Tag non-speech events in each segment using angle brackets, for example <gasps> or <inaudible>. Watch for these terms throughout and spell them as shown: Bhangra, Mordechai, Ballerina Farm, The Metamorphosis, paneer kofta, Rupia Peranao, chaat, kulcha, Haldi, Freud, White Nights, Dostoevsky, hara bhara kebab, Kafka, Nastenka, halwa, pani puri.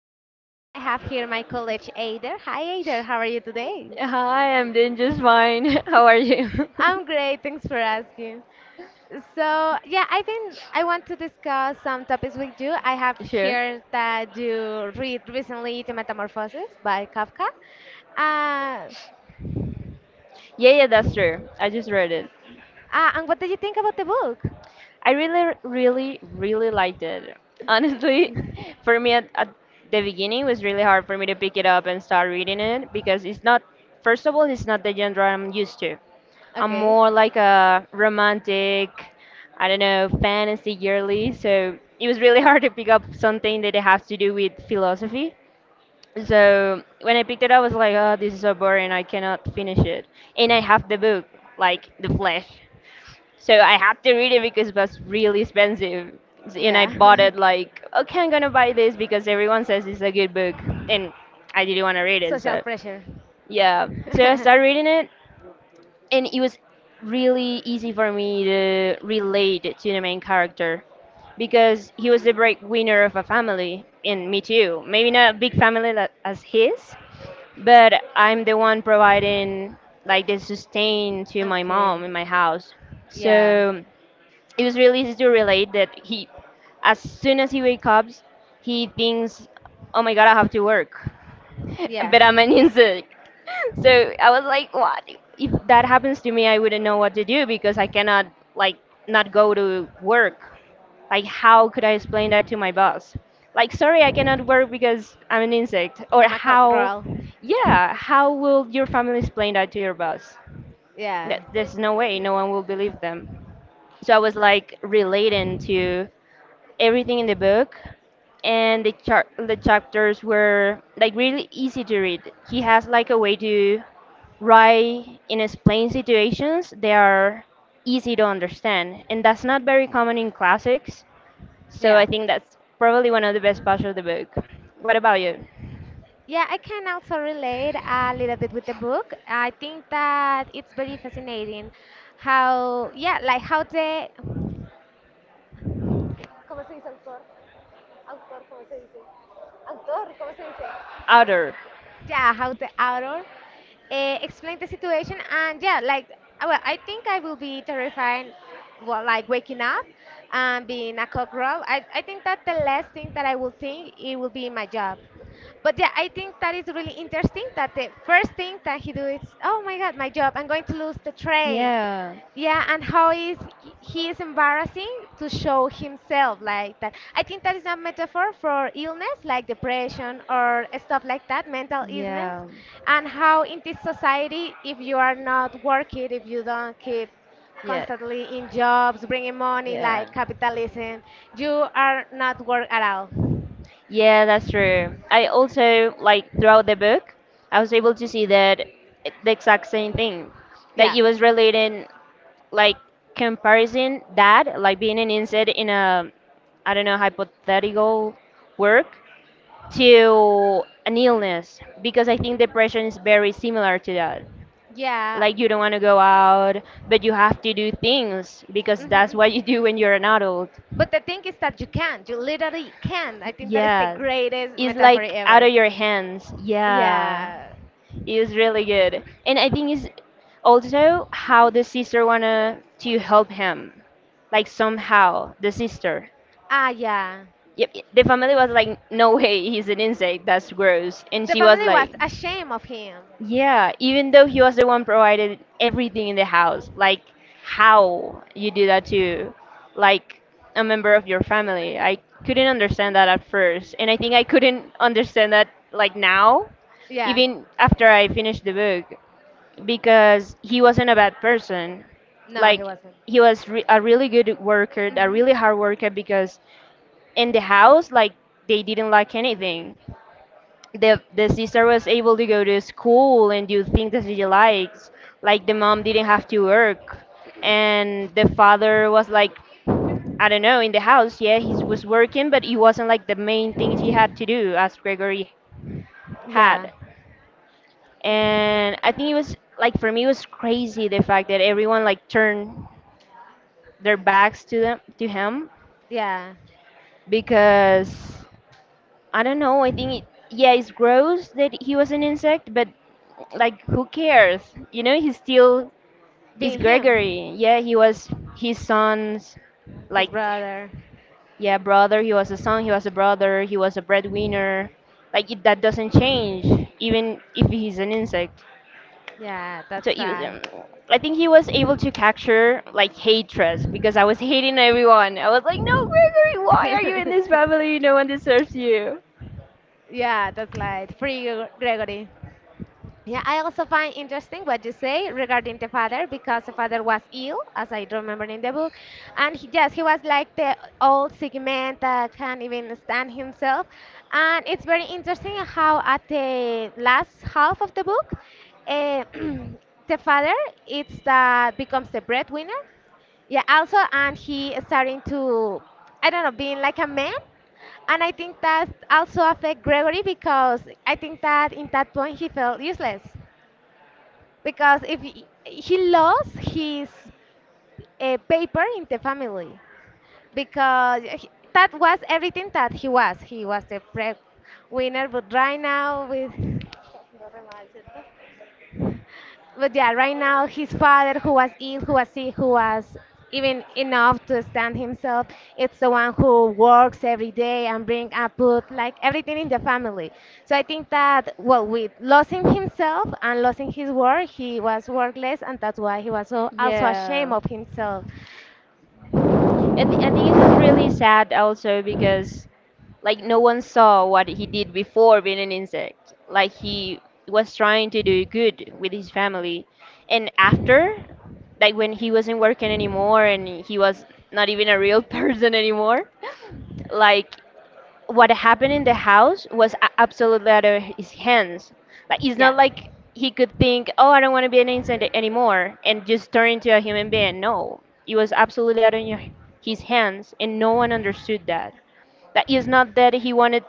I'm Darcy and I have here my college Aider. Hi Aider, how are you today? Hi, I'm doing just fine. <laughs> How are you? <laughs> <laughs> I'm great, thanks for asking. So, yeah, I think I want to discuss some topics with you. I have Sure. here that you read recently The Metamorphosis by Kafka. Uh, Yeah, that's true. I just read it. And what did you think about the book? I really liked it. Honestly, <laughs> for me at the beginning, it was really hard for me to pick it up and start reading it because it's not, first of all, it's not the genre I'm used to. I'm Okay, more like a romantic, I don't know, fantasy girly, so it was really <laughs> hard to pick up something that it has to do with philosophy. So when I picked it up, I was like, oh, this is so boring. I cannot finish it. And I have the book, like the flesh. So I had to read it because it was really expensive. And I bought it yeah, like, okay, I'm gonna buy this because everyone says it's a good book. And I didn't want to read <laughs> it. social So pressure. <laughs> yeah. So I started reading it, and it was really easy for me to relate to the main character because he was the breadwinner of a family, and me too. Maybe not a big family like as his, but I'm the one providing like the sustain to my mom Okay, in my house. yeah, So it was really easy to relate that he, as soon as he wakes up, he thinks, "Oh my God, I have to work," <laughs> yeah. but I'm an insect. <laughs> So I was like, "What? If that happens to me, I wouldn't know what to do because I cannot like not go to work." Like, how could I explain that to my boss? Like, sorry, I cannot work because I'm an insect. Or I'm a how, cockerel. yeah, how will your family explain that to your boss? Yeah, There's no way, no one will believe them. So I was like relating to everything in the book, and the the chapters were like really easy to read. He has like a way to write and explain situations that are easy to understand, and that's not very common in classics. So I yeah. think that's probably one of the best parts of the book. What about you? Yeah, I can also relate a little bit with the book. I think that it's very fascinating how, yeah, like how the Outer. yeah, how the author explained the situation, and yeah, like well, I think I will be terrified, well, like waking up and being a cockerel. I think that the last thing that I will think it will be my job. But yeah, I think that is really interesting that the first thing that he do is, oh my god, my job, I'm going to lose the train, Yeah. yeah, and how is he is embarrassing to show himself like that. I think that is a metaphor for illness, like depression or stuff like that, mental illness, Yeah, and how in this society, if you are not working, if you don't keep yeah, constantly in jobs bringing money, yeah. like capitalism, you are not work at all. Yeah, that's true. I also, like, throughout the book, I was able to see that the exact same thing. Like, Yeah, it was relating, like, comparison that, like, being an insect in a, I don't know, hypothetical work to an illness, because I think depression is very similar to that. yeah. Like you don't want to go out, but you have to do things because that's what Mhm. you do when you're an adult. But the thing is that you literally can. I think that is the Yeah, greatest it's metaphor like out ever, of your hands. Yeah, yeah. it was really good, and I think it's also how the sister wanna to help him, like somehow the sister. Ah, yeah. Yep, the family was like, no way, he's an insect. That's gross, and The she was family was like. ashamed of him. Yeah, even though he was the one provided everything in the house, like how you do that to like a member of your family. I couldn't understand that at first, and I think I couldn't understand that like now, Yeah. even after I finished the book, because he wasn't a bad person. No, he Like wasn't. he was re a really good worker, a Mhm. really hard worker because in the house, like they didn't lack anything, the sister was able to go to school and do things that she likes, like the mom didn't have to work, and the father was like, I don't know, in the house. Yeah, he was working, but it wasn't like the main things he had to do as Gregory Yeah. had. And I think it was like, for me it was crazy the fact that everyone like turned their backs to them, to him, Yeah, because I don't know. I think it, yeah, it's gross that he was an insect, but like who cares? You know, he's still is being him, Gregory. Yeah, he was his son's, his like, brother. yeah, brother. He was a son. He was a brother. He was a breadwinner. Like it, that doesn't change, even if he's an insect. Yeah, So that's it was, right. I think he was able to capture like hatred because I was hating everyone. I was like, no, Gregory, why are you in this <laughs> family? No one deserves you. Yeah, that's right. Free Gregory. Yeah, I also find interesting what you say regarding the father, because the father was ill, as I remember in the book, and he, yes, he was like the old sick man that can't even stand himself, and it's very interesting how at the last half of the book, uh, <clears throat> the father it's that becomes the breadwinner. Yeah, also, and he is starting to, I don't know, being like a man. And I think that also affect Gregory, because I think that in that point he felt useless, because if he lost his paper in the family, because he, that was everything that he was. He was the pre winner. But yeah, right now his father, who was ill, who was sick, who was even enough to stand himself, it's the one who works every day and bring up food, like everything in the family. So I think that, well, with losing himself and losing his work, he was workless, and that's why he was so also ashamed Yeah. of himself. I, I think it was really sad also because Like like no no one one saw saw what what he he did did before before being an Bennington. insect. Like Like he he was was trying trying to to do do good to good with his his family. family, And and after, after, like like when when he he wasn't wasn't working working anymore anymore and and he he was was not not even even a a real real <laughs> person person anymore, anymore, like like what what happened happened in the is his house house was was burned absolutely out of his down. hands. Like it's Yeah. not like he could think, "Oh, I don't want to be an insect anymore," and just turn into a human being. No, it was absolutely out of your, his hands, and no one understood that. Like it's not that he wanted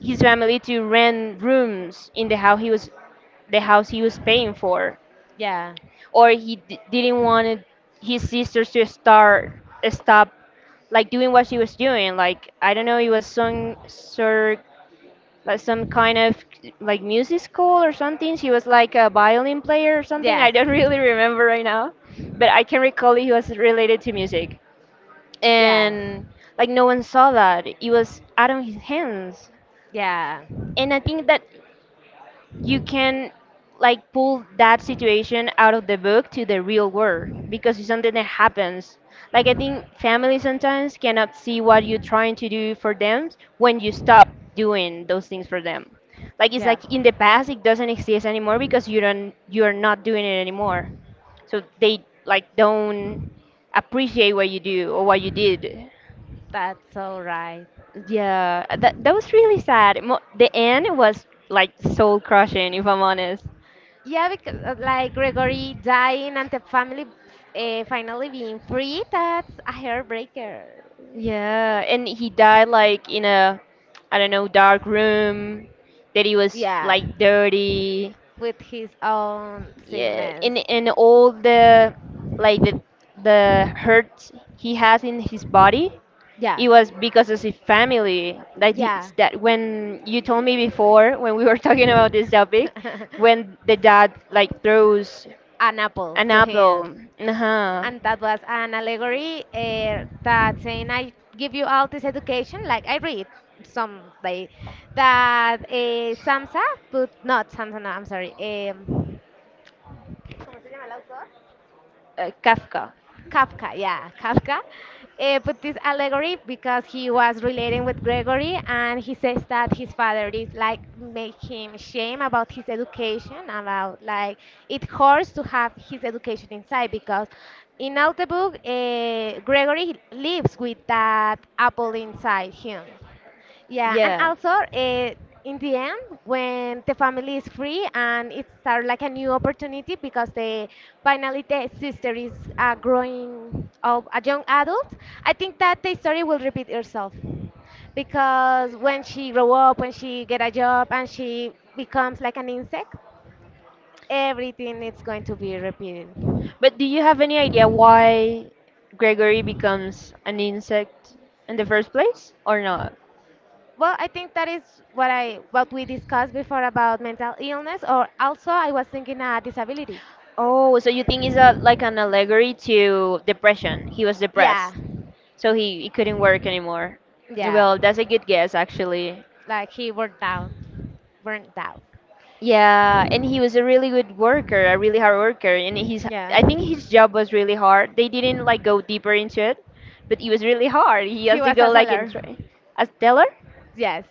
his family to rent rooms in the house he was, the house he was paying for, Yeah. or he didn't want his sisters to start stop like doing what she was doing. Like I don't know, it was some sort, like some kind of like music school or something. She was like a violin player or something. Yes. I don't <laughs> really remember right now, but I can recall it was related to music. Yeah. And like no one saw that it was out of his hands. Yeah. And I think that you can like pull that situation out of the book to the real world because it's something that happens. Like I think family sometimes cannot see what you're trying to do for them when you stop doing those things for them. Like it's Yeah. like in the past it doesn't exist anymore because you don't, you're not doing it anymore. So they like don't appreciate what you do or what you did. That's all right. Yeah, that was really sad. The end was like soul crushing, if I'm honest. Yeah, because like Gregory dying and the family finally being free, that's a heartbreaker. Yeah, and he died like in a, I don't know, dark room that he was Yeah, like dirty. with his own Yeah, sickness. And all the like the hurt he has in his body, Yeah, it was because of his family. Like yeah. this, that when you told me before when we were <laughs> talking about this topic, <laughs> when the dad like throws an apple an to him. apple, uh-huh. And that was an allegory, that saying, I give you all this education, like I read some, like that Samsa, but not Samsa, no, I'm sorry. Kafka. Kafka, yeah, Kafka, put this allegory because he was relating with Gregory and he says that his father is like make him shame about his education, about like it hurts to have his education inside, because in all the book, Gregory lives with that apple inside him. Yeah, and Yeah. also in the end, when the family is free and it's start like a new opportunity because the finally the sister is growing up a young adult, I think that the story will repeat itself because when she grow up, when she get a job, and she becomes like an insect, everything is going to be repeated. But do you have any idea why Gregory becomes an insect in the first place or not? Well, I think that is what we discussed before about mental illness, or also I was thinking a disability. Oh, so you think it's a, like an allegory to depression? He was Yeah, depressed, so he couldn't work anymore. yeah. Well, that's a good guess, actually. Like he burnt down, burnt out. Yeah, and he was a really good worker, a really hard worker, and his, Yeah, I think his job was really hard. They didn't like go deeper into it, but it was really hard. He he has to was a go like and seller. try as teller. Yes,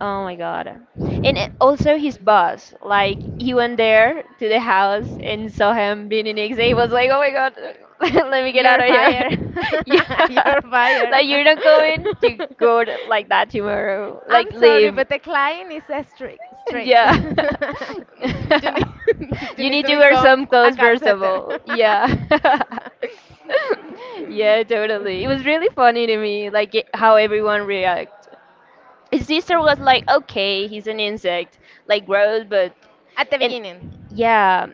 Oh my god. And also his boss, like he went there to the house and saw him being an ex. He was like, "Oh my god, <laughs> let me get out you're of here." fired. <laughs> <laughs> Yeah, You're <laughs> fired. like <laughs> you're not going to go to, like that tomorrow. I'm Like sorry, leave. but the client is strict. Strict. <laughs> You Yeah. <laughs> need <laughs> you You need need to to wear become some a clothes call first of center. all. <laughs> Yeah. <laughs> Yeah, totally. It was really funny to me, like it, how everyone react. His sister was like, "Okay, he's an insect, like gross, but At the and beginning. yeah."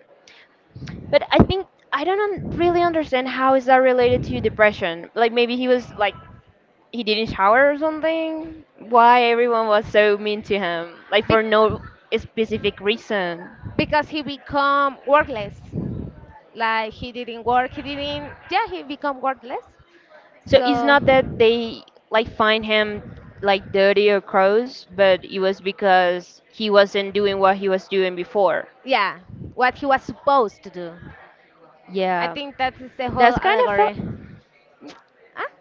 But I think I don't really understand how is that related to depression. Like maybe he was like he didn't shower or something. Why everyone was so mean to him, like for Be- no specific reason. because he become workless, like he didn't work, he didn't, yeah, he become workless. So So it's not that they like find him like dirty or gross, but it was because he wasn't doing what he was doing before. yeah, what he was supposed to do, I Yeah, think that is the whole that's kind of a allegory. Ah?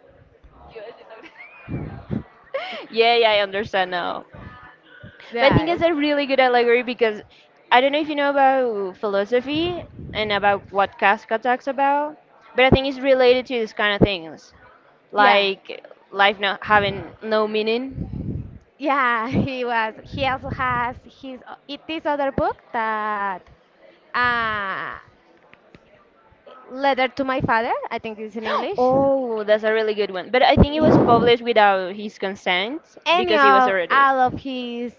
<laughs> yeah, I understand now. But I Yeah, think it's a really good allegory because I don't know if you know about philosophy and about what Kafka talks about, but I think it's related to this kind of things yeah, like life not having no meaning. yeah. <laughs> He also has his, it this other book that uh letter to my father, I think it's in <gasps> English. Oh, that's a really good one. But I think it was published <laughs> without his consent any because he was of already. all of his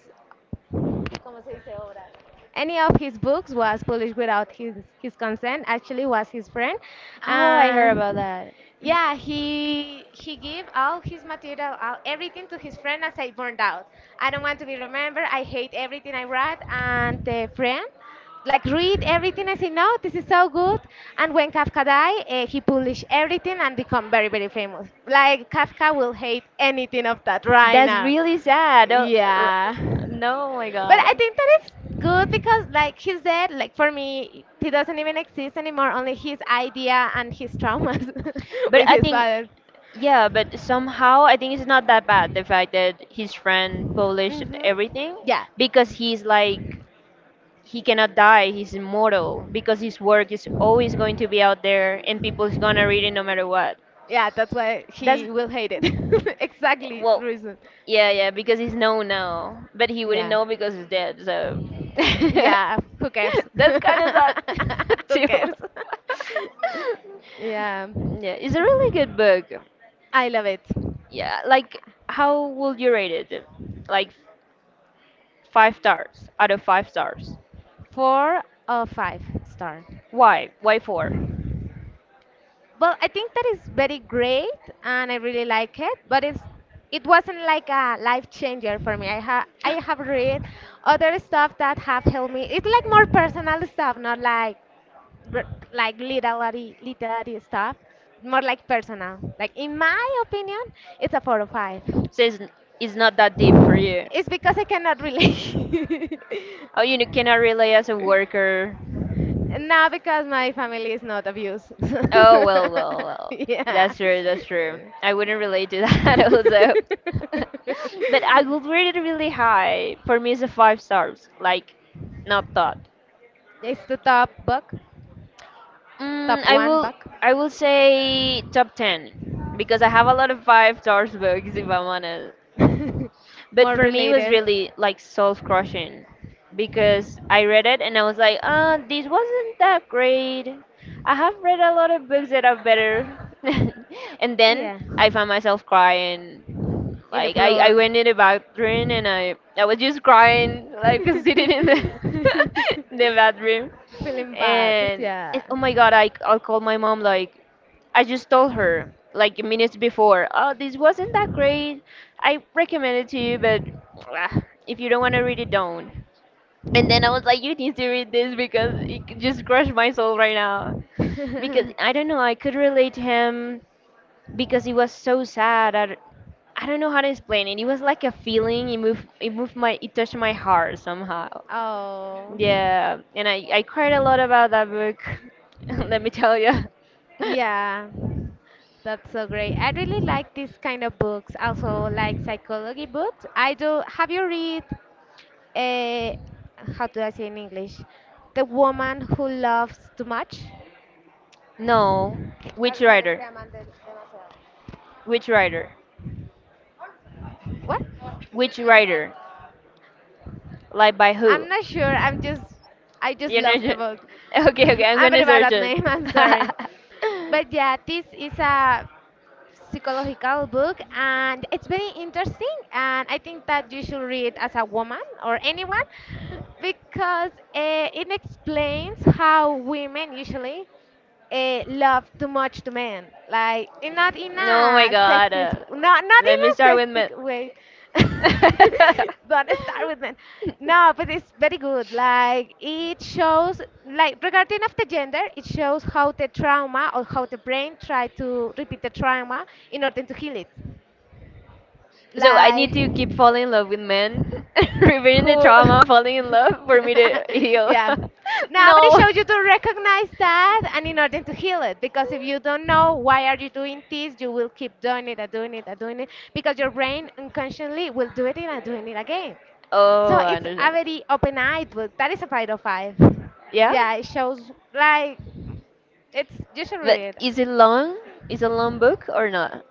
any of his books was published without his consent. Actually was his friend, Oh, I heard about and that. yeah, he gave all his material, all, everything to his friend, as I burned out, I don't want to be remembered, I hate everything I read. And the friend like read everything, I say, no, this is so good. And when Kafka died, he published everything and become very very famous. Like Kafka will hate anything of that right That's now. really sad. Oh, r- Yeah, no, my but I God. think that it's good because, like he said, like for me, he doesn't even exist anymore. Only his idea and his traumas <laughs> But with I his think, father. yeah, but somehow I think it's not that bad the fact that his friend published Hmm. everything Yeah, because he's like, he cannot die, he's immortal because his work is always going to be out there and people's gonna read it no matter what. yeah, that's why That's, he will hate it. <laughs> Exactly, well, reason. yeah, because he's known now, but he wouldn't Yeah, know because he's dead, so. <laughs> yeah. Who cares? <laughs> That's kind of sad, <laughs> Who too. cares? <laughs> <laughs> yeah. Yeah, it's a really good book. I love it. Yeah, like how would you rate it? Like 5 stars out of 5 stars. Four or five star. Why? Why four? Well, I think that is very great, and I really like it. But it wasn't like a life changer for me. I have read other stuff that have helped me. It's like more personal stuff, not like like literary stuff. More like personal. Like in my opinion, it's a four or five. Since it's not that deep for you. It's because I cannot relate. <laughs> Oh, you cannot relate as a worker. Nah, because my family is not abused. Oh <laughs> well, well, well. yeah. That's true. That's true. I wouldn't relate to that <laughs> also. <laughs> <laughs> But I would rate it really high. For me, it's a 5 stars. Like, not that. It's the top book, Mm, top I one will. book. I will say top 10 because I have a lot of 5 stars books. If I'm honest, <laughs> but More for me, it was related. really like soul crushing because I read it and I was like, this wasn't that great. I have read a lot of books that are better. <laughs> And then Yeah. I found myself crying In the like I floor. went in the <laughs> bathroom and I was just crying, like <laughs> sitting in the <laughs> in the bathroom. Feeling bad, And yeah. oh my god, I called my mom like I just told her like minutes before, oh, this wasn't that great. I recommend it to you, but ah, if you don't want to read it, don't. And then I was like, you need to read this because it just crushed my soul right now. Because I don't know, I could relate to him because it was so sad. I don't know how to explain it. It was like a feeling. It moved. It moved my. It touched my heart somehow. <laughs> Oh. Yeah, and I cried a lot about that book. <laughs> Let me tell you. <laughs> Yeah, that's so great. I really like this kind of books, also like psychology books. I do. Have you read, uh, how do I say in English? The woman who loves too much. No, Las which mujeres que writer? aman demasiado. Which writer? What? Which writer? Like by who? I'm not sure. I just You're love not sure. the <laughs> book. Okay, okay. <laughs> I'm I'm very gonna bad search at it. name. <laughs> I'm sorry. But yeah, this is a psychological book and it's very interesting and I think that you should read as a woman or anyone, because it explains how women usually <laughs> love too much to men, like, and not in No, oh my a god. sexist, not in Let me a start with my. sexist way. <laughs> <laughs> Don't start with men. No, but it's very good. Like it shows, like regarding of the gender, it shows how the trauma or how the brain try to repeat the trauma in order to heal it. So I Like need to keep falling in love with men, <laughs> repeating who? the trauma, falling in love for me to <laughs> heal. yeah. <laughs> Nobody No. showed you to recognize that, and in order to heal it. Because if you don't know why are you doing this, you will keep doing it and doing it and doing it because your brain unconsciously will do it and doing it again. So Oh, I it's a understand. very open-eyed book. That is a five out of five. Yeah? Yeah, it shows like it's you should But read it. is it long? Is it a long book or not?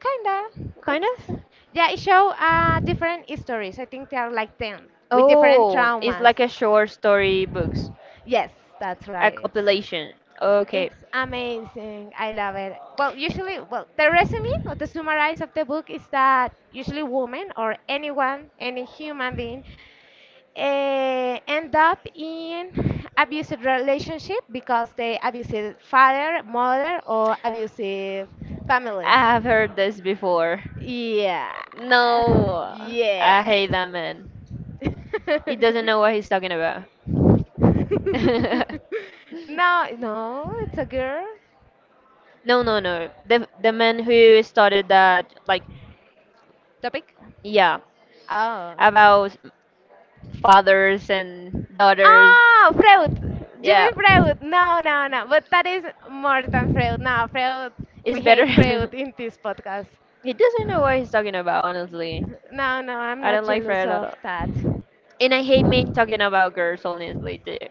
Kinda. Kind It's of? Yeah, it show different histories. I think there are like 10 with different Oh, it's traumas. like a short story books, Yes, that's a right. It's compilation. Okay, it's amazing. I love it. Well, usually, well, the resume or the summarize of the book is that usually women or anyone, any human being, end up in abusive relationship because they abusive father, mother, or abusive family. I have heard this before. Yeah. <laughs> No, I Yes. hate that man. He doesn't know what he's <laughs> talking about. <laughs> No, <laughs> no, it's a girl No, no, no. The man who started that, like, topic. yeah, Oh. about fathers and daughters. Oh, Freud. You Yeah, mean Freud? No, no, no. But that is more than Freud. No, Freud. We it's better. hate <laughs> Freud in this podcast. He doesn't know what he's talking about, honestly. No, no, I'm I not don't like jealous Fred at all. of that. And I hate men talking about girls, honestly, too.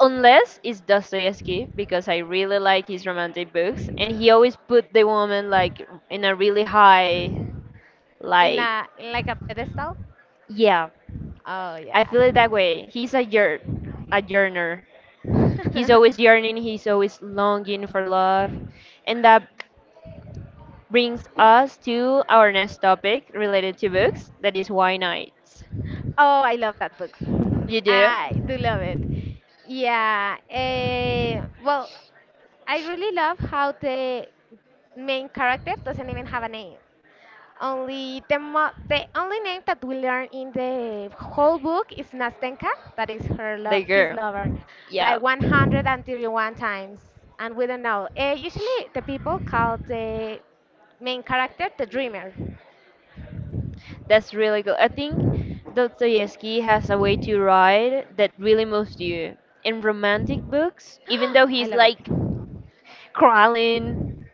Unless it's Dostoevsky, because I really like his romantic books, and he always put the woman like in a really high, In like, a in like a pedestal? yeah, Oh I yeah. feel it that way. He's a yearner. He's always <laughs> yearning. He's always longing for love, and that brings us to our next topic related to books that is why nights. Oh, I love that book. You do? I do love it. Yeah. Well, I really love how the main character doesn't even have a name. Only the only name that we learn in the whole book is Nastenka, that is her The love, his girl. lover, Yeah. like 131 times, and we don't know. Usually, the people call the main character the dreamer. <gasps> That's really good. I think Dostoevsky has a way to write that really moves you. In romantic books, even though I he's love it. like crawling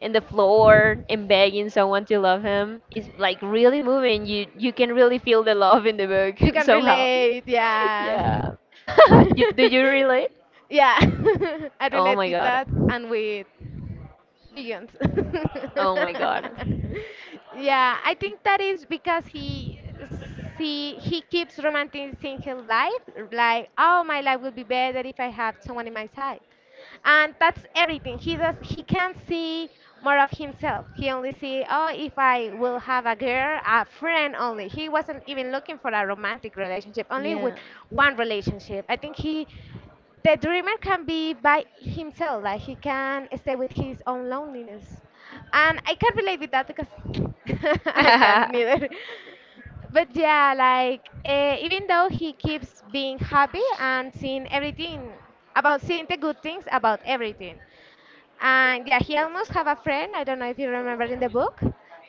in the floor and begging someone to love him, it's like really moving. You can really feel the love in the You book <laughs> can somehow. relate, yeah. Yeah. <laughs> Do you relate? <laughs> Yeah, <laughs> I Oh relate my with god. that and with Billions. <laughs> Oh my god. Yeah, I think that is because he keeps romanticizing his life, like oh my life will be better if I have someone in my side, and that's everything. He can't see more of himself. He only see oh if I will have a girl, a friend only. He wasn't even looking for a romantic relationship, only with Yeah. one relationship. I think he the dreamer can be by himself, like he can stay with his own loneliness, and I can relate with that because <laughs> I can <laughs> neither. But yeah, like even though he keeps being happy and seeing everything, about seeing the good things about everything. And yeah, he almost have a friend. I don't know if you remember in the book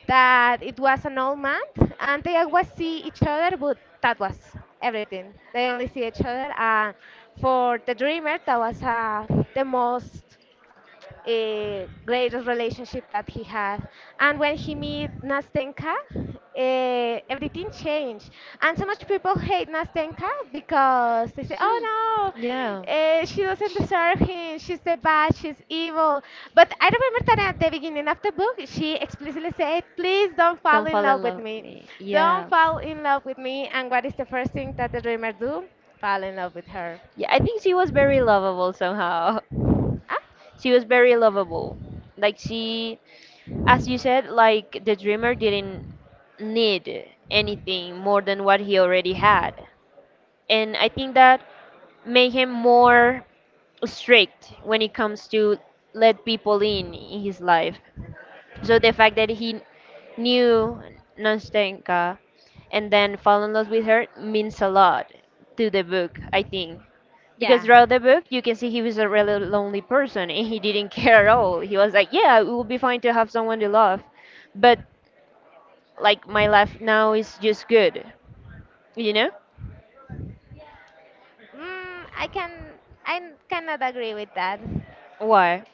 that it was an old man, and they always see each other, but that was everything. They only see each other, and for the dreamer, that was the most greatest relationship that he had. And when he met Nastenka, everything changed. And so much people hate Nastenka because they say, oh Yeah. no, she doesn't deserve him, she's the bad, she's evil. But I remember that at the beginning of the book, she explicitly said, please don't fall Don't in fall in love with love with me. me. Don't Yeah. fall in love with me. And what is the first thing that the dreamer do? Fall in love with her. Yeah, I think she was very lovable somehow. <laughs> Ah, She was very lovable. Like she, as you said, like the dreamer didn't need anything more than what he already had. And I think that made him more strict when it comes to let people in his life. So the fact that he knew Nastenka and then fell in love with her means a lot to the book, I think. Because yeah. throughout the book, you can see he was a really lonely person and he didn't <laughs> care at all. He was like, yeah, it would be fine to have someone to love. But, like, my life now is just good. You know? Mm, I can I cannot agree with that Why?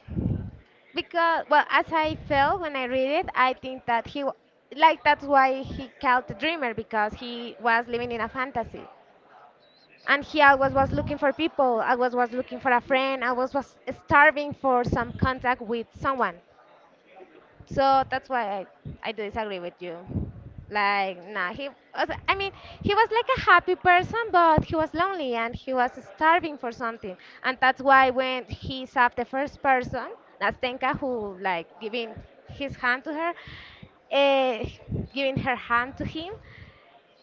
because well, as I felt when I read it, I think that like that's why he called the dreamer because he was living in a fantasy. And he always was looking for people. Always was looking for a friend. Always was starving for some contact with someone. So that's why I do disagree with you. Like, nah, he was, I mean, he was like a happy person, but he was lonely and he was starving for something. And that's why when he saw the first person, Nastenka, who like giving his hand to her, uh, giving her hand to him,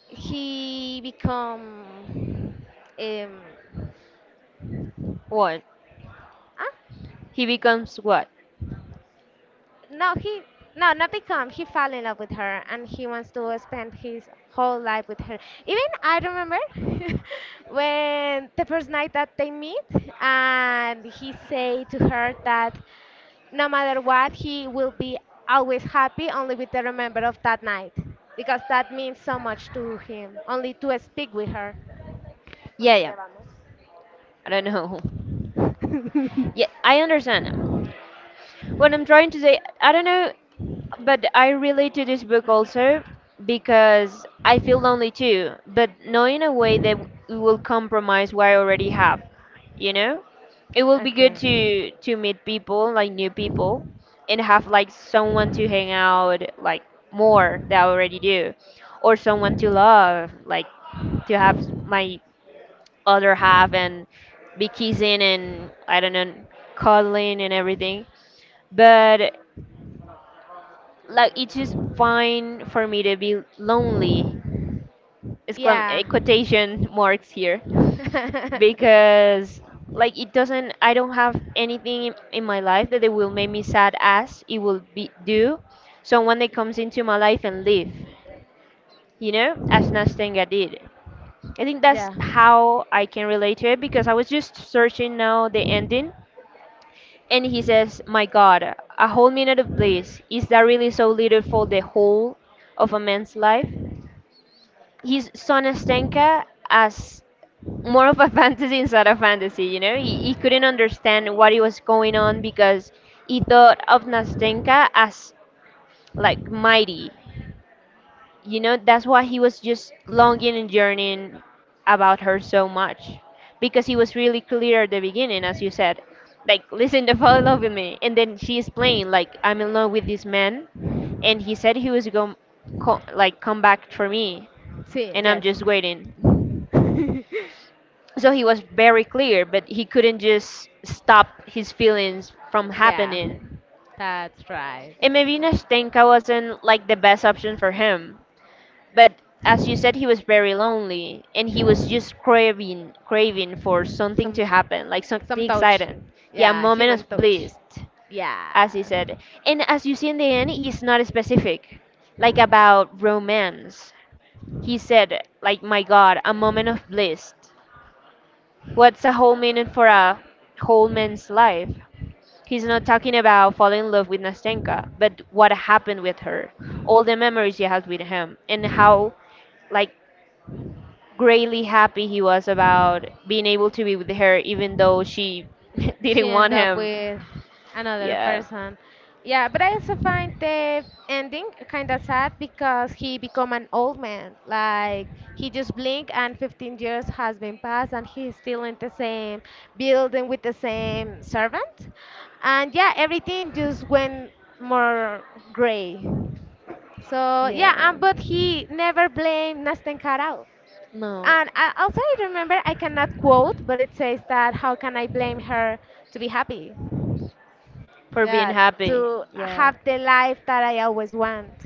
he become um, What? ah, He becomes what? no, he no, not become. He fell in love with her, and he wants to spend his whole life with her. Even I remember <laughs> when the first night that they meet, and he say to her that no matter what, he will be always happy only with the remember of that night because that means so much to him. Only to speak with her. Yeah, yeah. I don't know. <laughs> Yeah, <laughs> I understand. What I'm trying to say, I don't know. But I relate to this book also because I feel lonely too, but not in a way that it will compromise what I already have, you know? It will be good Okay. to meet people, like new people, and have like someone to hang out like more that I already do, or someone to love, like to have my other half and be kissing and I don't know, cuddling and everything. But like it's just fine for me to be lonely exclam Yeah. quotation marks here, <laughs> because like it doesn't I don't have anything in my life that it will make me sad as it will be do someone that comes into my life and leave, you know, as Nastenga did. I think that's yeah. how I can relate to it because I was just searching now the ending, and he says, my god, a whole minute of bliss, is that really so little for the whole of a man's life? He's Sonastenka as more of a <laughs> fantasy inside of fantasy, you know? He couldn't understand what it was going on because he thought of Nastenka as like mighty. You know, that's why he was just longing and yearning about her so much. Because he was really clear at the beginning, as you said. Like, listen to fall in love with me. And then she explained, like, I'm in love with this man. And he said he was going, like, come back for me. See, And I'm yes. just waiting. <laughs> So he was very clear, but he couldn't just stop his feelings from yeah, happening. that's right. And maybe Nastenka wasn't like the best option for him, but as you said, he was very lonely and he was just craving for something Some to happen, like something some touch. exciting. Yeah, a Yeah, moment human of touch. bliss, as he Yeah. said. And as you see in the end, he's not specific, like about romance. He said like, my god, a moment of bliss. What's a whole minute for a whole man's life? He's not talking about falling in love with Nastenka, but what happened with her, all the memories he has with him, and how, like, greatly happy he was about being able to be with her, even though she <laughs> She didn't want ended up him. with another Yeah, person. Yeah, but I also find the ending kind of sad because he become an old man. Like he just blink and 15 years has been passed and he's still in the same building with the same servant. And yeah, everything just went more gray. So yeah, yeah, but he never blamed Nastenkaral. no, And I also I remember I cannot quote, but it says that how can I blame her to be happy? for being Yeah, happy. to Yeah. have the life that I always want.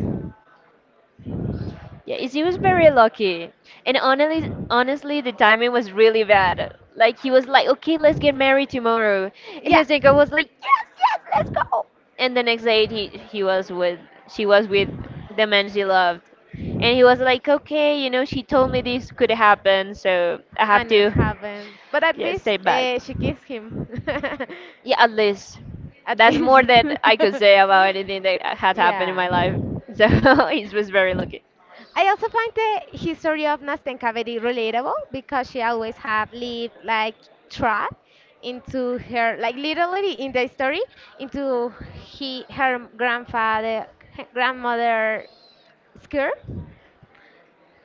Yeah, it was very lucky. And honestly, honestly, the timing was really bad. Like he was like, "Okay, let's get married tomorrow," and Yeah, I think I was like, "Yes, yes, let's go." And the next day, he was with she was with the man she loved, and he was like, "Okay, you know, she told me this could happen, so I have and it to, happened. But <laughs> at yeah, least stay back." She kissed him. <laughs> Yeah, at least At that's more least. that I could say about anything that <laughs> had happened in yeah. my life. So <laughs> he was very lucky. I also find the history of Nastenka very relatable because she always have lived like trapped into her, like literally in the story, into he her grandfather, grandmother skirt.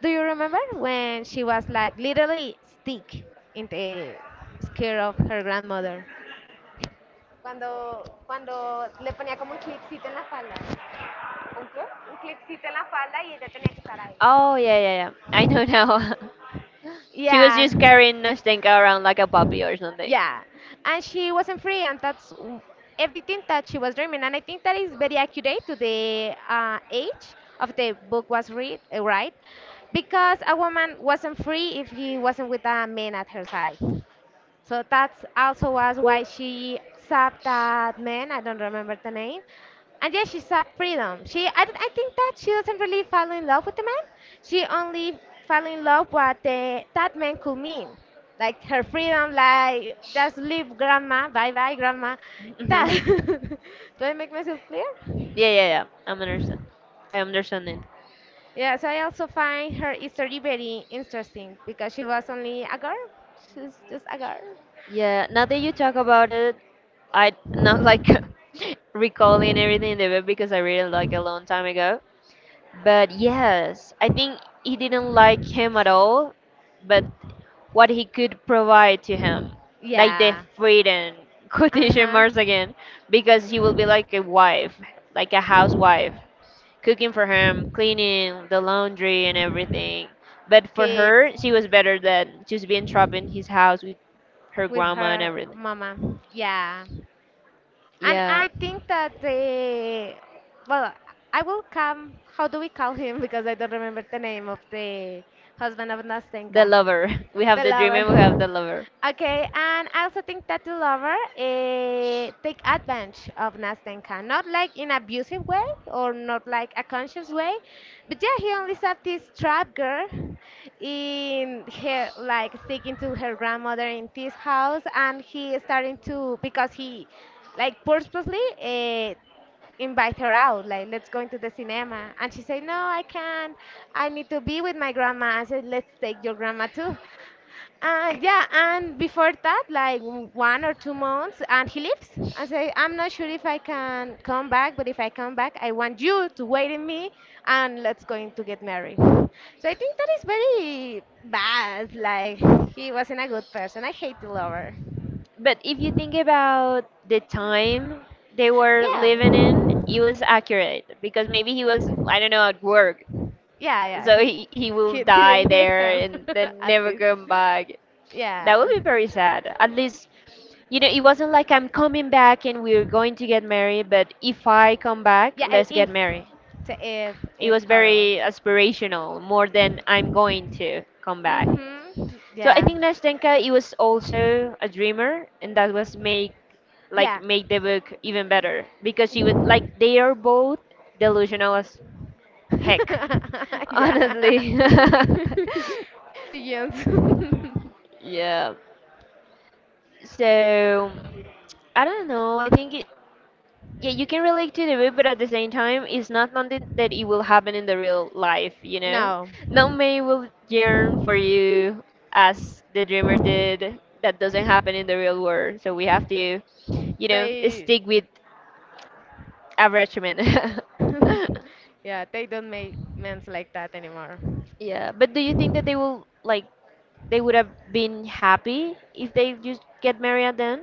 Do you remember when she was like literally stick in the skirt of her grandmother? Cuando le ponía como un clipcito en la falda. Un clipcito en la falda y ella tenía que estar ahí. Oh yeah, yeah, yeah. <laughs> I know now. <laughs> She was Yeah. just carrying Nastenka around like a puppy or something. Yeah, and she wasn't free, and everything that she was dreaming. And I think that is very accurate to the age of the book was read, right? Because a woman wasn't free if he wasn't with a man at her side. So that's also was why she sapped that man. I don't remember the name. And yeah, she sapped freedom. She, I, don't- I think that she doesn't really fall in love with the man. She only fell in love what that man could mean, like her freedom, like just leave grandma, bye bye grandma. <laughs> Yeah, That. <laughs> Do I make myself clear? yeah, yeah. I'm understand. I understanding. Yeah. So I also find her history very interesting because she was only a girl. She's just a girl. Yeah. Now that you talk about it, I not like <laughs> recalling everything in the web because I read it like a long time ago. But yes, I think he didn't like him at all. But what he could provide to him, like the Yeah. freedom, <laughs> Uh quotation huh. marks again, because he will be like a wife, like a housewife, cooking for him, cleaning the laundry and everything. But for Kid. her, she was better than just being trapped in his house with her With grandma and her everything. mama. Yeah. And Yeah, I think that the well, I will come. How do we call him? <laughs> Because I don't remember the name of the husband of the Nastenka. lover. <laughs> We have The the dream lover. and we have <laughs> the lover. Okay, and I also think that the lover take advantage of Nastenka, not like in abusive way or not like a conscious way, but yeah, he only saved this trap girl in her, like sticking to her grandmother in this house, and he starting to because he like purposely invite her out, like, let's go into the cinema. And she said, no, I can't. I need to be with my grandma. I said, let's take your grandma too. And yeah, and before that, like 1 or 2 months, and he leaves. I say, I'm not sure if I can come back, but if I come back, I want you to wait in me, and let's going to get married. So I think that is very bad. Like he wasn't a good person. I hate the lover. But if you think about the time they were Yeah. living in, it was accurate because maybe he was, I don't know, at work. Yeah, yeah, So he will he <laughs> die didn't hit there him and <laughs> then at never least. come back. That would Yeah, be very sad. At least, you know, it wasn't like I'm coming back and we're going to get married, but if I come back, yeah, and let's get if married. the if It was it's horrible. very aspirational, more than I'm going to come back. Mhm. So I Yeah. think Nastenka, he was also a dreamer, and that was make like Yeah. make the book even better because you would like they are both delusional as heck, <laughs> <laughs> yeah. honestly. <laughs> Pigeons. <laughs> <laughs> Yeah. So I don't know. Yeah, you can relate to the book, but at the same time, it's not something that it will happen in the real life, you know? No, Not many will yearn for you as the dreamer did. That doesn't happen in the real world. So we have to, they. stick with arrangement. <laughs> <laughs> Yeah, they don't make men like that anymore. Yeah, but do you think that like, they would have been happy if they just get married then?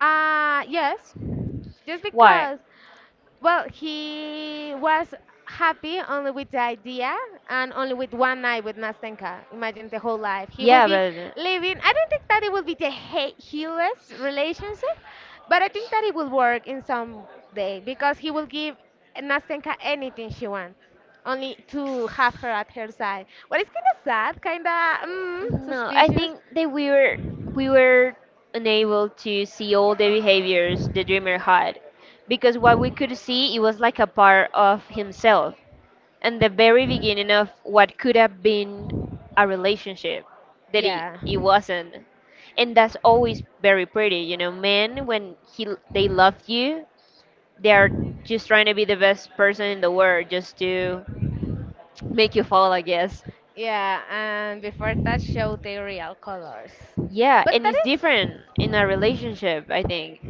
Yes. Just Why? because. Well, he was happy only with the idea and only with one night with Nastenka. Imagine the whole life. He will Yeah, be but living, I don't think that it will be the healest relationship, but I think that it will work in some day because he will give Nastenka anything she wants, only to have her at her side. What is kind of sad, kind of no, I suspicious. think that we were unable to see all the behaviors the dreamer had because what we could see it was like a part of himself and the very beginning of what could have been a relationship that it, Yeah. it wasn't. And that's always very pretty, you know, men when he they love you, they are just trying to be the best person in the world just to make you fall, I guess. Yeah, and before that show their real colors. Yeah, But and that it's is. different in a relationship, I think.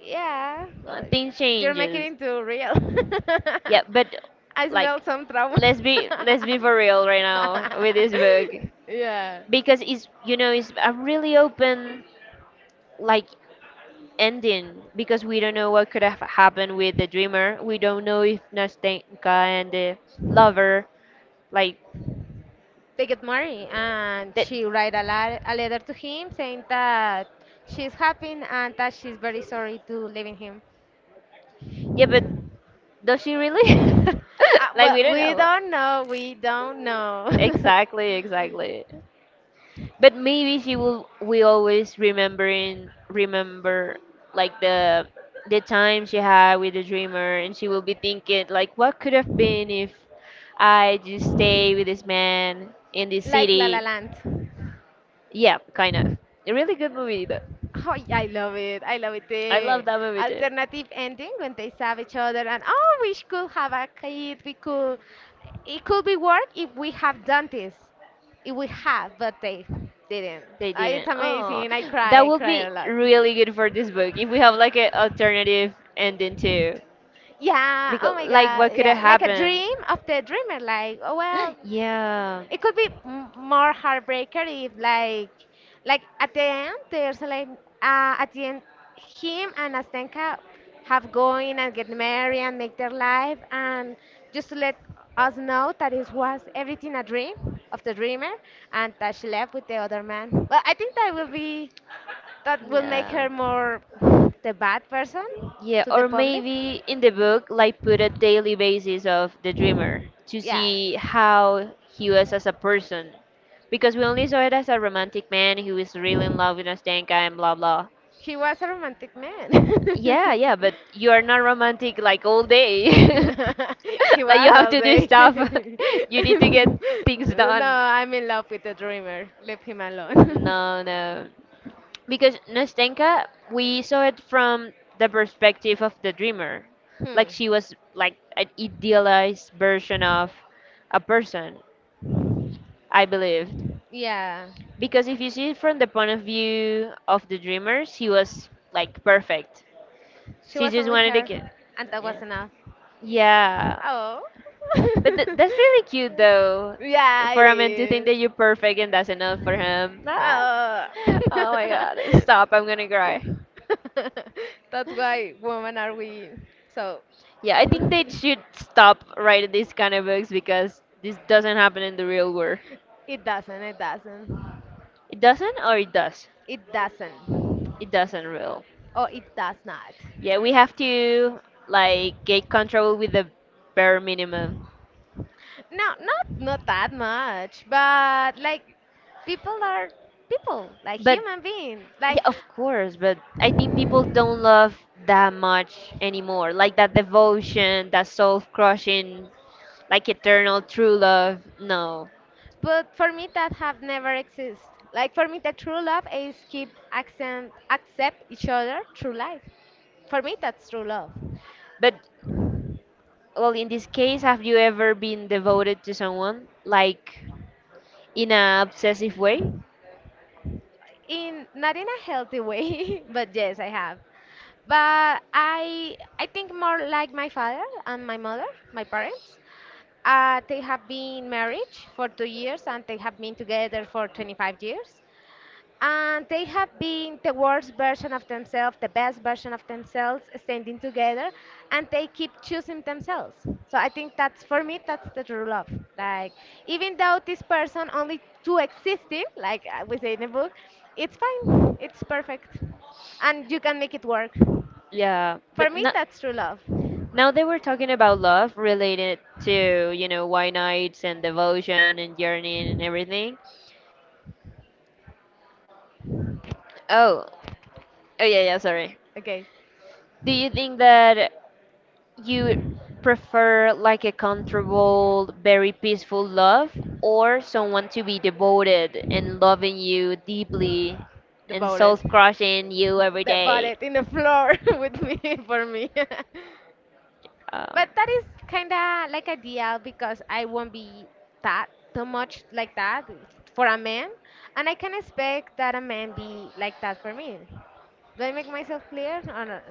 Yeah, well, Things you're making it changes. into real. <laughs> Yeah, but I smell like some trauma. let's be for real right now with <laughs> this book yeah. because it's it's a really open like ending because we don't know what could have happened with the dreamer. We don't know if Nastenka and the lover like They get married, and that. she write a letter to him saying that she's happy and that she's very sorry to leaving him. Yeah, but does she really? <laughs> Like Well, we don't we know. don't know. We don't know. Exactly, exactly. But maybe she will we always remember like the time she had with the dreamer and she will be thinking like what could have been if I just stay with this man in <laughs> this Like La La city. Land. Yeah, kind of. A really good movie though. Oh, I love it. I love it. I love The that movie too. alternative ending when they stab each other and oh, we could have a kid. We could. It could be work if we have done this. If we have, but they didn't. They It's didn't. Oh, amazing. I cry. that I would cry be a lot. really good for this book if we have like an alternative ending too. Yeah. Oh Because my like God. what could have Yeah. Like a happened. dream of the dreamer. Like, oh well, <gasps> Yeah, it could be more heartbreaker if like at the end there's like at the end him and Astenka have going and get married and make their life and just to let us know that it was everything a dream of the dreamer and that she left with the other man. Well, I think that will make yeah her more the bad person yeah. to the Or public. maybe in the book, like put a daily basis of the dreamer to Yeah. see how he was as a person, because we only saw it as a romantic man who is really in love with Nastenka and blah blah. He was a romantic man. <laughs> Yeah, but you are not romantic like all day. <laughs> <laughs> He Like you was have all to do day? stuff. <laughs> <laughs> You need to get things No, done. I'm in love with the dreamer. Leave him alone. <laughs> No, because Nastenka, we saw it from the perspective of the dreamer, like Hmm. she was like an idealized version of a person, I believed. Yeah, Because if you see it from the point of view of the dreamer, she was like perfect. she She was just only wanted to her, get, and that yeah, was enough. yeah. Oh. But th- <laughs> that's really cute though, Yeah, for it a man to think that is. you're perfect and that's enough for him. Ah. <laughs> Oh. Oh my <laughs> god, stop! I'm gonna cry. That's why women are we. So. Yeah, I <laughs> think they should stop writing these kind of books because this doesn't happen in the real world. It doesn't, it doesn't. It doesn't, or it does. It doesn't. It doesn't real. Oh, it does not. Yeah, we have to like get control with the bare minimum. No, not that much, but like people are people, like But human being. Like yeah, of course. But I think people don't love that much anymore. Like that devotion, that soul crushing, like eternal true love. No. but for me that have never exist. Like for me the true love is keep accept each other through life. For me that's true love. But well, in this case, have you ever been devoted to someone? Like in a obsessive way. In not in a healthy way, <laughs> but yes, I have. But I think more like my father and my mother, my parents. They have been married for 2 years and they have been together for 25 years and they have been the worst version of themselves, the best version of themselves, standing together, and they keep choosing themselves. So I think that's for me, that's the true love. Like even though this person only two existing, like we say in the book, it's fine, it's perfect, and you can make it work. Yeah, For but me, no, that's true love. now they were talking about love related to white nights and devotion and yearning and everything. Oh, oh yeah, yeah. Sorry. Okay, Do you think that you prefer like a comfortable, very peaceful love, or someone to be devoted and loving you deeply the and voted, soul crushing you <laughs> every the day? voted in the floor <laughs> with me for me. <laughs> Um, But that is kind of like ideal because I won't be that too much like that for a man, and I can expect that a man be like that for me. Do I make myself clear or not?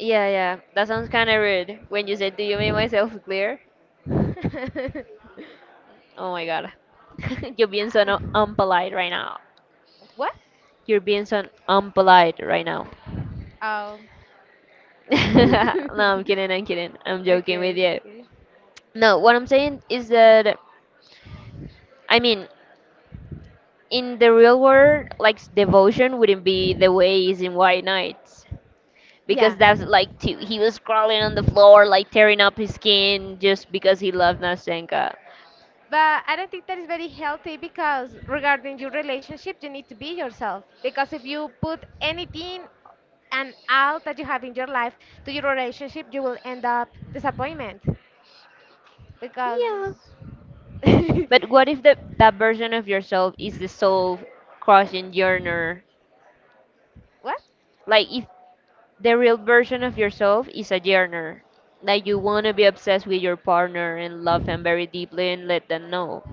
yeah, yeah. That sounds kind of rude when you said, "Do you make myself clear?" <laughs> Oh my god. <laughs> You're being so Uh, unpolite right now. what? You're being so unpolite right now. Oh. <laughs> <laughs> no, Okay, I'm kidding, I'm kidding. I'm joking with okay. you. No, what I'm saying is that, I mean, in the real world, like, devotion wouldn't be the way it is in White Nights. Yeah. Because that's like, too, he was crawling on the floor, like, tearing up his skin just because he loved Nastenka. But I don't think that is very healthy because regarding your relationship, you need to be yourself. Because if you put anything and out that you have in your life to your relationship, you will end up disappointment. Because Yeah. <laughs> But what if the, that version of yourself is the soul crushing yearner? what? Like, if the real version of yourself is a yearner. Like you want to be obsessed with your partner and love them very deeply and let them know.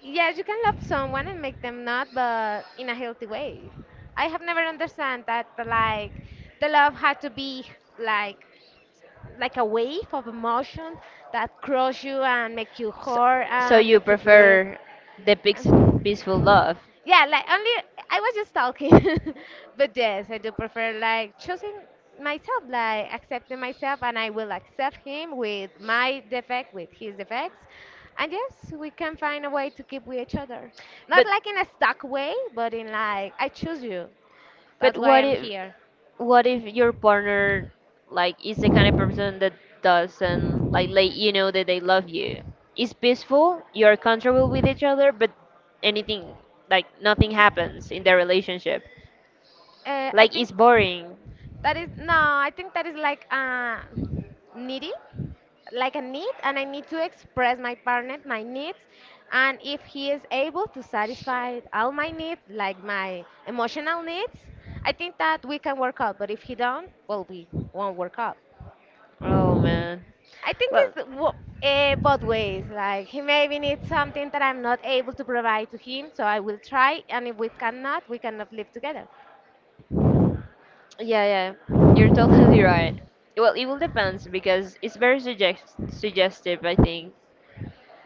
Yes, you can love someone and make them not, but in a healthy way. I have never understand that like the love had to be like like a wave of emotion that crush you and make you So, hurt so and you make you bleed. prefer the peace, peaceful Um, love. Yeah, like only I was just talking, <laughs> but yes, I do prefer like choosing myself, like accepting myself, and I will accept him with my defect, with his defects, and yes, we can find a way to keep with each other. Not But like in a stuck way, but in like I choose you. but That's why I'm here. what if your partner like is the kind of person that doesn't like let you know that they love you? It's peaceful. You are comfortable with each other, but anything like nothing happens in their relationship. I Like think it's boring. that is no, I think that is like needy, like a need, and I need to express my partner my needs, and if he is able to satisfy all my needs, like my emotional needs, I think that we can work out. But if he don't, well, we won't work out. Oh man. I think Well, both ways. Like he maybe needs something that I'm not able to provide to him, so I will try, and if we cannot, we cannot live together. yeah, yeah. You're totally <laughs> right. Well, it will depends because it's very suggestive, I think.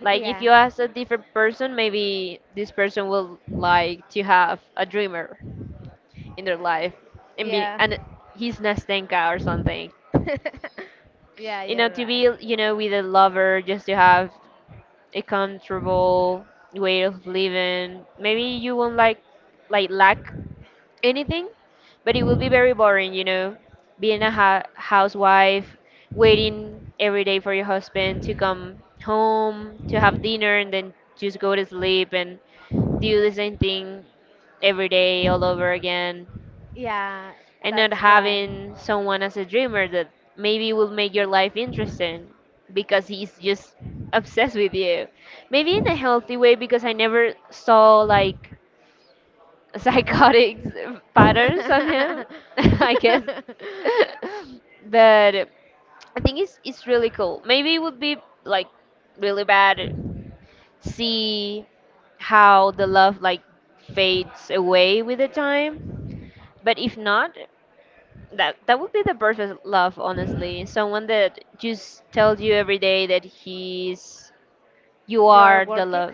Like if Yeah, you ask a different person, maybe this person will like to have a dreamer in their life and be yeah. and he's Nestenka or something. <laughs> Yeah, you're To right. be, with a lover just to have a comfortable way of living. Maybe you won't like lack anything, but it will be very boring, being a housewife, waiting every day for your husband to come home, to have dinner, and then just go to sleep and do the same thing every day all over again, Yeah, and not that's right. having someone as a dreamer that maybe will make your life interesting because he's just obsessed with you. Maybe in a healthy way because I never saw like psychotic <laughs> patterns on him, <laughs> I guess. <laughs> But I think it's really cool. Maybe it would be like really bad see how the love like fades away with the time. But if not, that would be the perfect love, honestly. Someone that just tells you every day that he's you <laughs> You are are the working, love,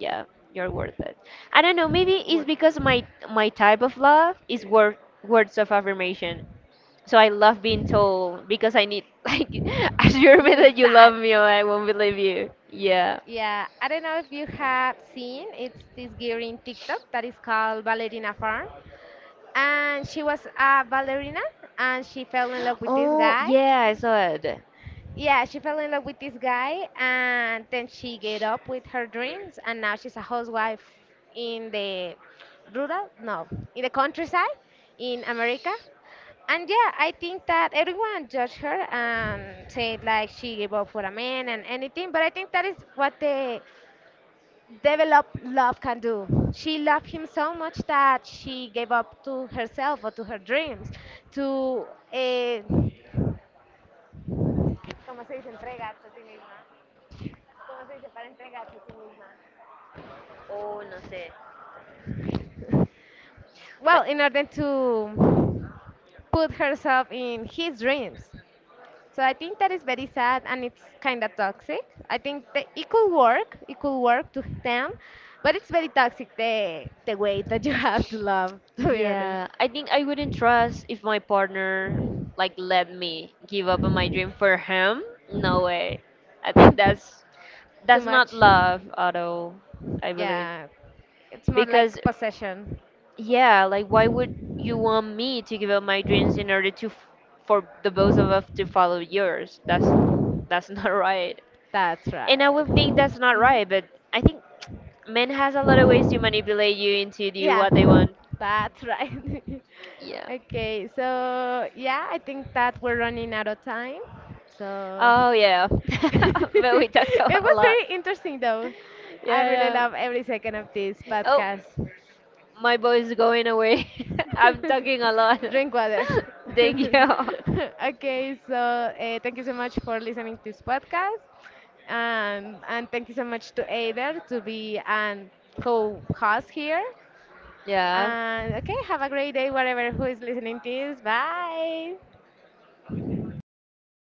yeah, you're worth it. I don't know, maybe it's because my working. my type of love is word, words of affirmation, so I love being told because I need <laughs> like assure You me need that you that. love me or I won't believe you. Yeah. Yeah, I don't know if you have seen. It's this girl in TikTok that is called Ballerina Farm, and she was a ballerina, and she fell in love with this Oh guy. yeah, I saw it. Yeah, she fell in love with this guy and then she gave up with her dreams and now she's a housewife in the rural, no, in the countryside in America. And yeah, I think that everyone judged her and said like she gave up for a man and anything, but I think that is what the developed love can do. She loved him so much that she gave up to herself or to her dreams, to, eh, ¿cómo se dice? Entregarse a sí misma. ¿Cómo se dice para entregarse a sí misma? Oh no sé. Well, in order to put herself in his dreams. So I think that is very sad and it's kind of toxic. I think that it could work to them, but it's very toxic the way that you <laughs> have to love, <laughs> to be honest. Yeah, I think I wouldn't trust if my partner like let me give up on my dream for him. No way. I think <laughs> Too that's not much. love at all, I believe, Yeah, it's more because like possession. yeah, like why would you want me to give up my dreams in order to for the both of us to follow yours? That's <laughs> not right. That's And I right. would think that's not Mhm. right, but I think men has a lot of ways to manipulate you into do Yeah, what they want. that's right. <laughs> Yeah. Okay, so yeah, I think that we're running out of time. So Oh yeah. <laughs> <laughs> But we talked it about a was lot. very interesting though. I really Yeah, love every second of this yeah. Oh, podcast. my voice is going away. <laughs> I'm talking a lot. <laughs> Drink water. <laughs> <laughs> Thank you. Okay, so thank you so much for listening to this podcast. And thank you so much to Ader to be an co-host here. Yeah. And okay, have a great day, whatever who is listening to this. Bye.